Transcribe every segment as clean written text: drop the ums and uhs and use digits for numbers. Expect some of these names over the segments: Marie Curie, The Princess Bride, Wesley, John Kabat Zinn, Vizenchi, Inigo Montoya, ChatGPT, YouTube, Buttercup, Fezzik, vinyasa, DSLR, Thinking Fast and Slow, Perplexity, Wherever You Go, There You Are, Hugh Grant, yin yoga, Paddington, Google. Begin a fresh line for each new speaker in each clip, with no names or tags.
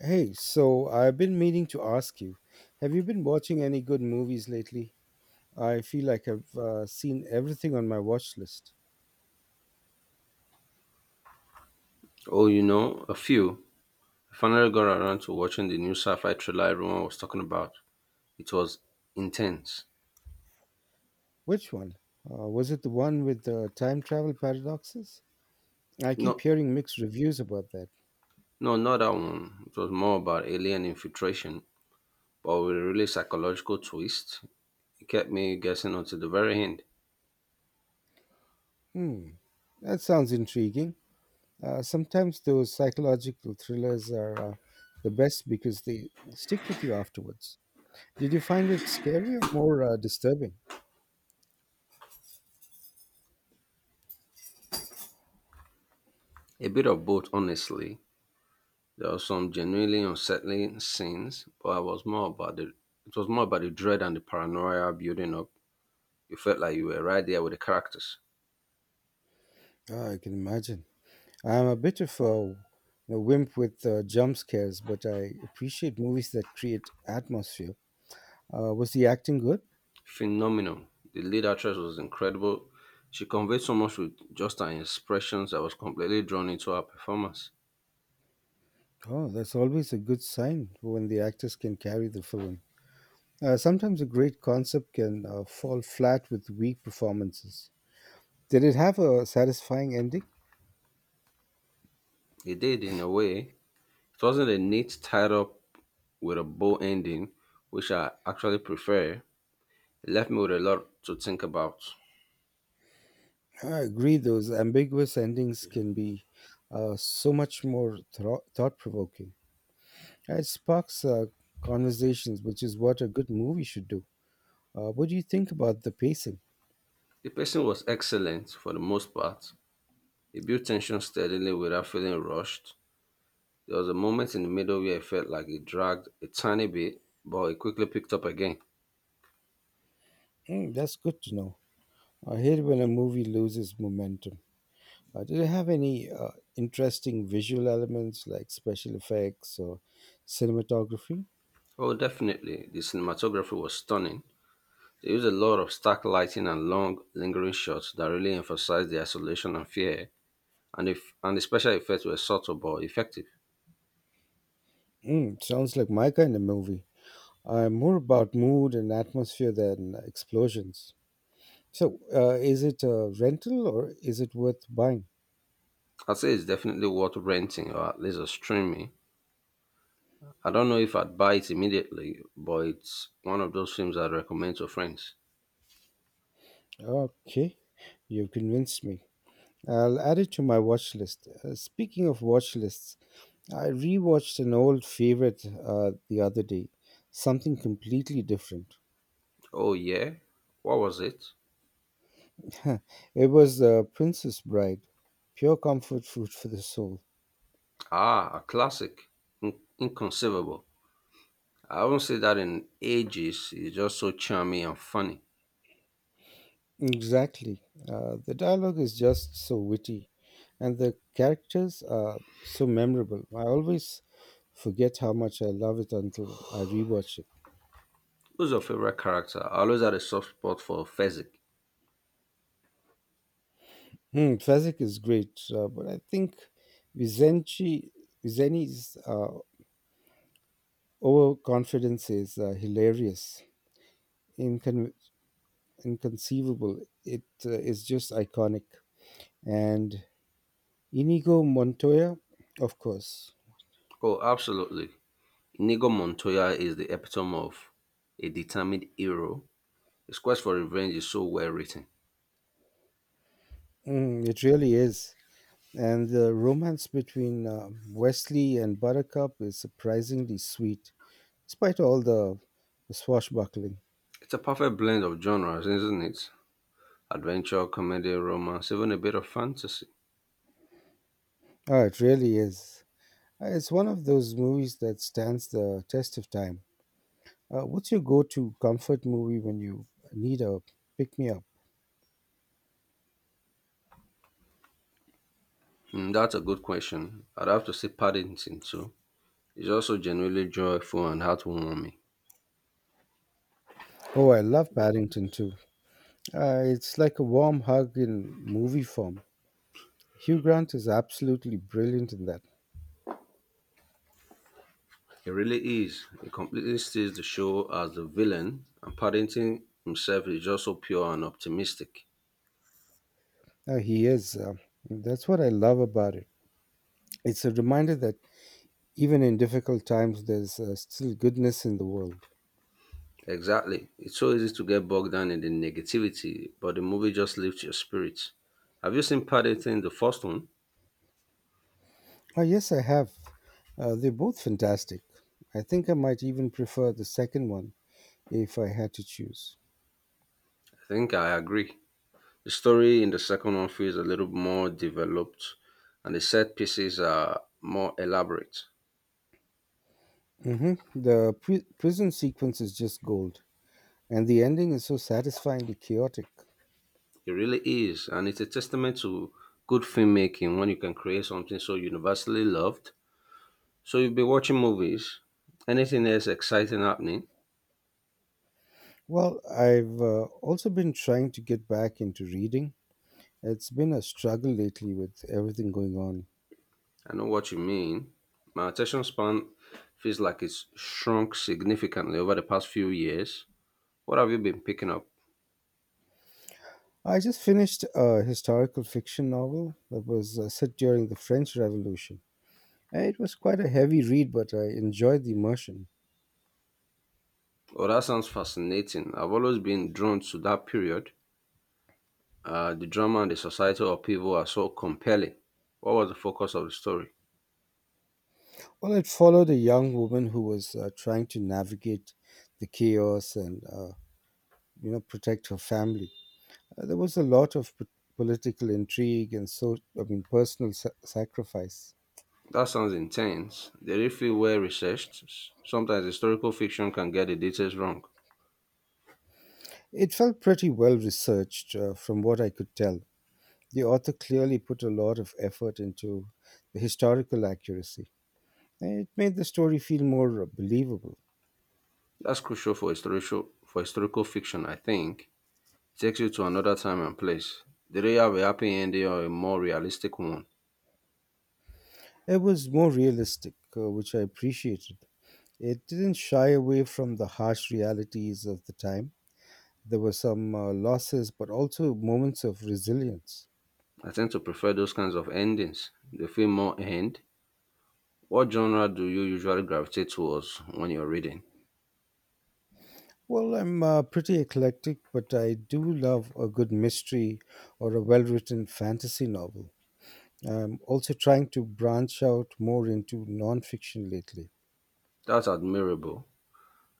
Hey, so I've been meaning to ask you, have you been watching any good movies lately? I feel like I've seen everything on my watch list.
Oh, you know, a few. I finally got around to watching the new sci-fi thriller everyone was talking about. It was intense.
Which one? Was it the one with the time travel paradoxes? I keep
No,
hearing mixed reviews about that.
no, not that one. It was more about alien infiltration, but with a really psychological twist. It kept me guessing until the very end.
Hmm, that sounds intriguing. Sometimes those psychological thrillers are the best because they stick with you afterwards. Did you find it scary or more disturbing?
A bit of both, honestly. There were some genuinely unsettling scenes, but I was more about the. It was more about the dread and the paranoia building up. You felt like you were right there with the characters.
Ah, I can imagine. I'm a bit of a wimp with jump scares, but I appreciate movies that create atmosphere. Was the acting good?
Phenomenal. The lead actress was incredible. She conveyed so much with just her expressions. I was completely drawn into her performance.
Oh, that's always a good sign when the actors can carry the film. Sometimes a great concept can fall flat with weak performances. Did it have a satisfying ending?
It did, in a way. It wasn't a neat tied up with a bow ending, which I actually prefer. It left me with a lot to think about.
I agree, those ambiguous endings can be so much more thought provoking. It sparks conversations, which is what a good movie should do. What do you think about the pacing?
The pacing was excellent for the most part. It built tension steadily without feeling rushed. There was a moment in the middle where it felt like it dragged a tiny bit, but it quickly picked up again.
Mm, that's good to know. I hate when a movie loses momentum. Did it have any interesting visual elements like special effects or cinematography?
Oh, definitely. The cinematography was stunning. They use a lot of stark lighting and long, lingering shots that really emphasize the isolation and fear, and, if, and the special effects were subtle but effective.
Mm, sounds like my kind of movie. I'm more about mood and atmosphere than explosions. So, is it a rental or is it worth buying?
I'd say it's definitely worth renting or at least a streaming. I don't know if I'd buy it immediately, but it's one of those films I'd recommend to friends.
Okay, you've convinced me. I'll add it to my watch list. Speaking of watch lists, I rewatched an old favorite the other day, something completely different.
Oh, yeah? What was it?
It was The Princess Bride, pure comfort food for the soul.
Ah, a classic. Inconceivable. I haven't seen that in ages. It's just so charming and funny.
Exactly. The dialogue is just so witty, and the characters are so memorable. I always forget how much I love it until I rewatch it.
Who's your favorite character? I always had a soft spot for Fezzik.
Hmm, Fezzik is great, but I think Vizenchi, Vizeni's overconfidence is hilarious. Incon- Inconceivable. It is just iconic. And Inigo Montoya, of course.
Oh, absolutely. Inigo Montoya is the epitome of a determined hero. His quest for revenge is so well written.
Mm, it really is. And the romance between Wesley and Buttercup is surprisingly sweet, despite the swashbuckling.
It's a perfect blend of genres, isn't it? Adventure, comedy, romance, even a bit of fantasy.
Ah, it really is. It's one of those movies that stands the test of time. What's your go to comfort movie when you need a pick me up?
Hmm, that's a good question. I'd have to say Paddington too. It's also genuinely joyful and heartwarming.
Oh, I love Paddington too. It's like a warm hug in movie form. Hugh Grant is absolutely brilliant in that.
It really is. It completely steals the show as the villain, and Paddington himself is just so pure and optimistic.
He is. That's what I love about it. It's a reminder that even in difficult times, there's still goodness in the world.
Exactly. It's so easy to get bogged down in the negativity, but the movie just lifts your spirits. Have you seen Paddington, the first one?
Oh, yes, I have. They're both fantastic. I think I might even prefer the second one if I had to choose.
I think I agree. The story in the second one feels a little more developed, and the set pieces are more elaborate.
Hmm. The prison sequence is just gold, and the ending is so satisfyingly chaotic.
It really is, and it's a testament to good filmmaking when you can create something so universally loved. So you've been watching movies. Anything else exciting happening?
Well, I've also been trying to get back into reading. It's been a struggle lately with everything going on.
I know what you mean. My attention span feels like it's shrunk significantly over the past few years. What have you been picking up?
I just finished a historical fiction novel that was set during the French Revolution. And it was quite a heavy read, but I enjoyed the immersion.
Oh, that sounds fascinating. I've always been drawn to that period. The drama and the societal upheaval are so compelling. What was the focus of the story?
Well, it followed a young woman who was trying to navigate the chaos and, protect her family. There was a lot of political intrigue and so, I mean, personal sacrifice.
That sounds intense. Did it feel well researched? Sometimes historical fiction can get the details wrong.
It felt pretty well researched from what I could tell. The author clearly put a lot of effort into the historical accuracy. It made the story feel more believable.
That's crucial for historical fiction, I think. Takes you to another time and place. Do they don't have a happy ending or a more realistic one?
It was more realistic, which I appreciated. It didn't shy away from the harsh realities of the time. There were some losses, but also moments of resilience.
I tend to prefer those kinds of endings. They feel more end. What genre do you usually gravitate towards when you're reading?
Well, I'm pretty eclectic, but I do love a good mystery or a well written fantasy novel. I'm also trying to branch out more into nonfiction lately.
That's admirable.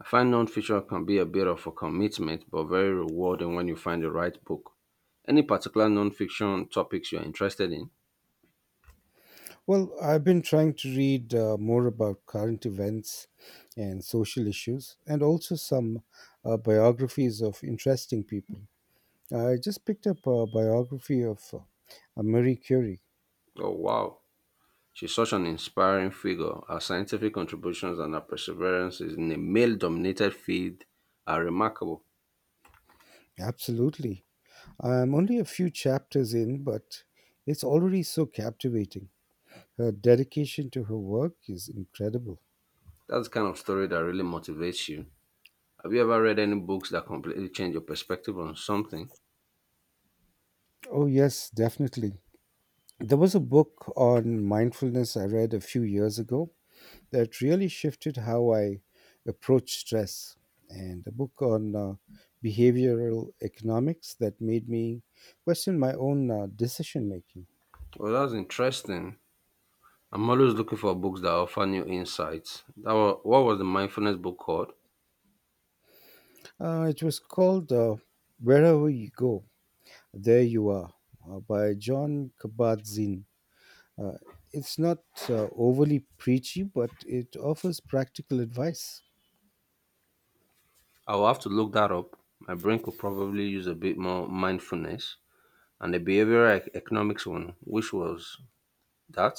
I find non-fiction can be a bit of a commitment, but very rewarding when you find the right book. Any particular non-fiction topics you're interested in?
Well, I've been trying to read more about current events and social issues, and also some biographies of interesting people. I just picked up a biography of Marie Curie.
Oh, wow, she's such an inspiring figure. Her scientific contributions and her perseverance in a male-dominated field are remarkable.
Absolutely. I'm only a few chapters in, but it's already so captivating. Her dedication to her work is incredible.
That's the kind of story that really motivates you. Have you ever read any books that completely change your perspective on something?
Oh, yes, definitely. There was a book on mindfulness I read a few years ago that really shifted how I approach stress, and a book on behavioral economics that made me question my own decision making.
Well, that's interesting. I'm always looking for books that offer new insights. That was, what was the mindfulness book called?
It was called Wherever You Go, There You Are by John Kabat Zinn. Uh, it's not overly preachy, but it offers practical advice.
I will have to look that up. My brain could probably use a bit more mindfulness. And the behavioral economics one, which was that?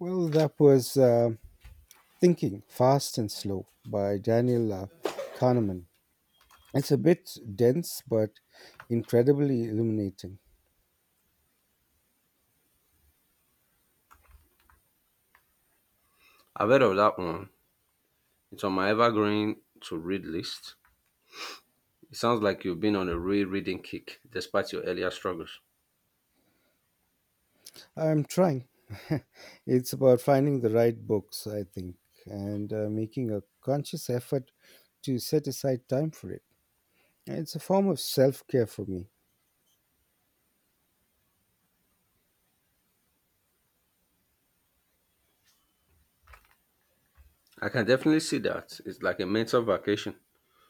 Well, that was. Thinking Fast and Slow by Daniel Kahneman. It's a bit dense but incredibly illuminating.
I've heard of that one. It's on my evergreen to read list. It sounds like you've been on a real reading kick despite your earlier struggles.
I'm trying. It's about finding the right books, I think, and making a conscious effort to set aside time for it. It's a form of self care for me.
I can definitely see that. It's like a mental vacation.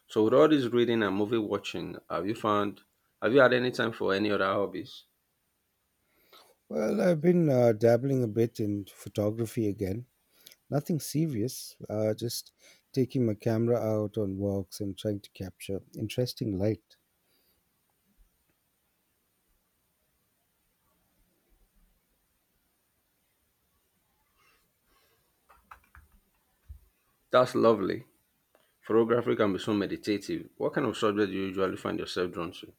So with all this reading and movie watching, have you had any time for any other hobbies?
Well, I've been dabbling a bit in photography again. Nothing serious, just taking my camera out on walks and trying to capture interesting light.
That's lovely. Photography can be so meditative. What kind of subject do you usually find yourself drawn to?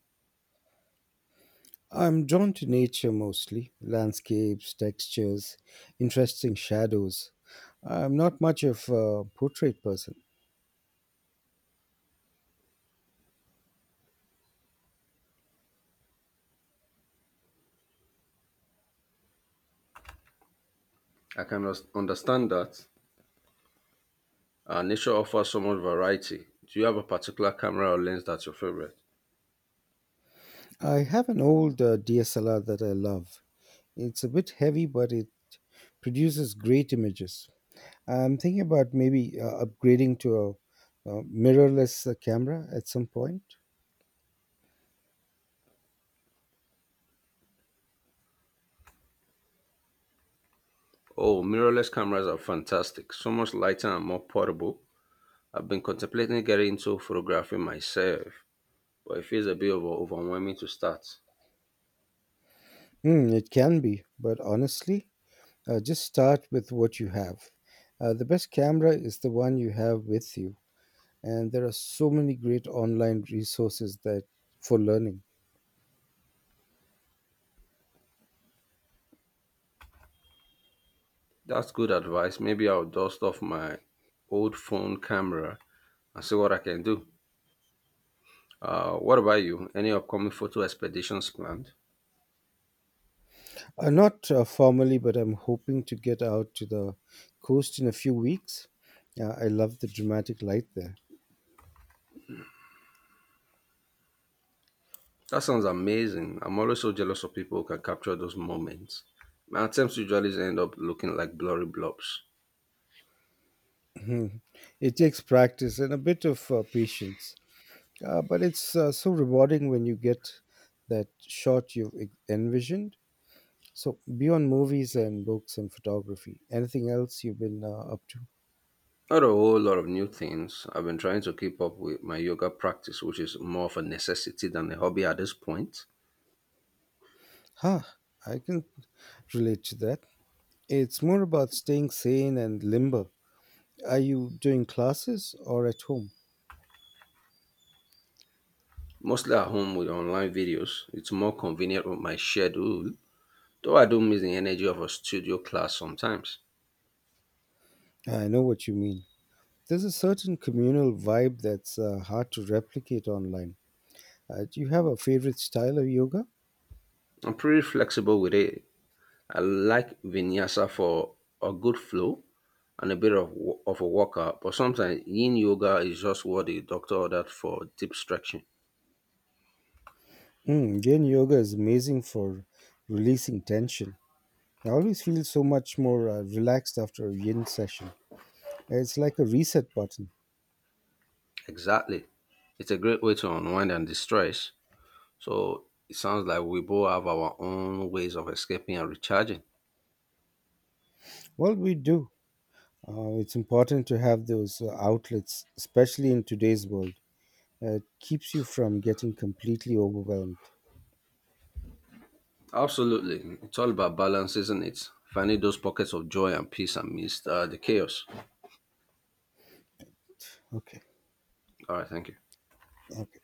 I'm drawn to nature mostly landscapes, textures, interesting shadows. I'm not much of a portrait person.
I can understand that. Nature offers so much variety. Do you have a particular camera or lens that's your favorite?
I have an old DSLR that I love. It's a bit heavy, but it produces great images. I'm thinking about maybe upgrading to a mirrorless camera at some point.
Oh, mirrorless cameras are fantastic. So much lighter and more portable. I've been contemplating getting into photography myself, but it feels a bit overwhelming to start.
Mm, it can be, but honestly, just start with what you have. The best camera is the one you have with you, and there are so many great online resources that for learning.
That's good advice. Maybe I'll dust off my old phone camera and see what I can do. What about you? Any upcoming photo expeditions planned?
Not formally, but I'm hoping to get out to the coast in a few weeks. I love the dramatic light there.
That sounds amazing. I'm always so jealous of people who can capture those moments. My attempts usually end up looking like blurry blobs.
Mhm. It takes practice and a bit of patience, but it's so rewarding when you get that shot you've envisioned. So beyond movies and books and photography, anything else you've been up to?
Not a whole lot of new things. I've been trying to keep up with my yoga practice, which is more of a necessity than a hobby at this point.
Huh. I can relate to that. It's more about staying sane and limber. Are you doing classes or at home?
Mostly at home with online videos. It's more convenient with my schedule. Though I do miss the energy of a studio class sometimes.
I know what you mean. There's a certain communal vibe that's hard to replicate online. Do you have a favorite style of yoga?
I'm pretty flexible with it. I like vinyasa for a good flow and a bit of, of a workout, but sometimes yin yoga is just what the doctor ordered for deep stretching.
Mm, yin yoga is amazing for releasing tension. I always feel so much more relaxed after a yin session. It's like a reset button.
Exactly. It's a great way to unwind and distress. So it sounds like we both have our own ways of escaping and recharging.
Well, we do. It's important to have those outlets, especially in today's world. Uh, it keeps you from getting completely overwhelmed.
Absolutely. It's all about balance, isn't it? Finding those pockets of joy and peace amidst the chaos.
Okay.
All right, thank you.
Okay.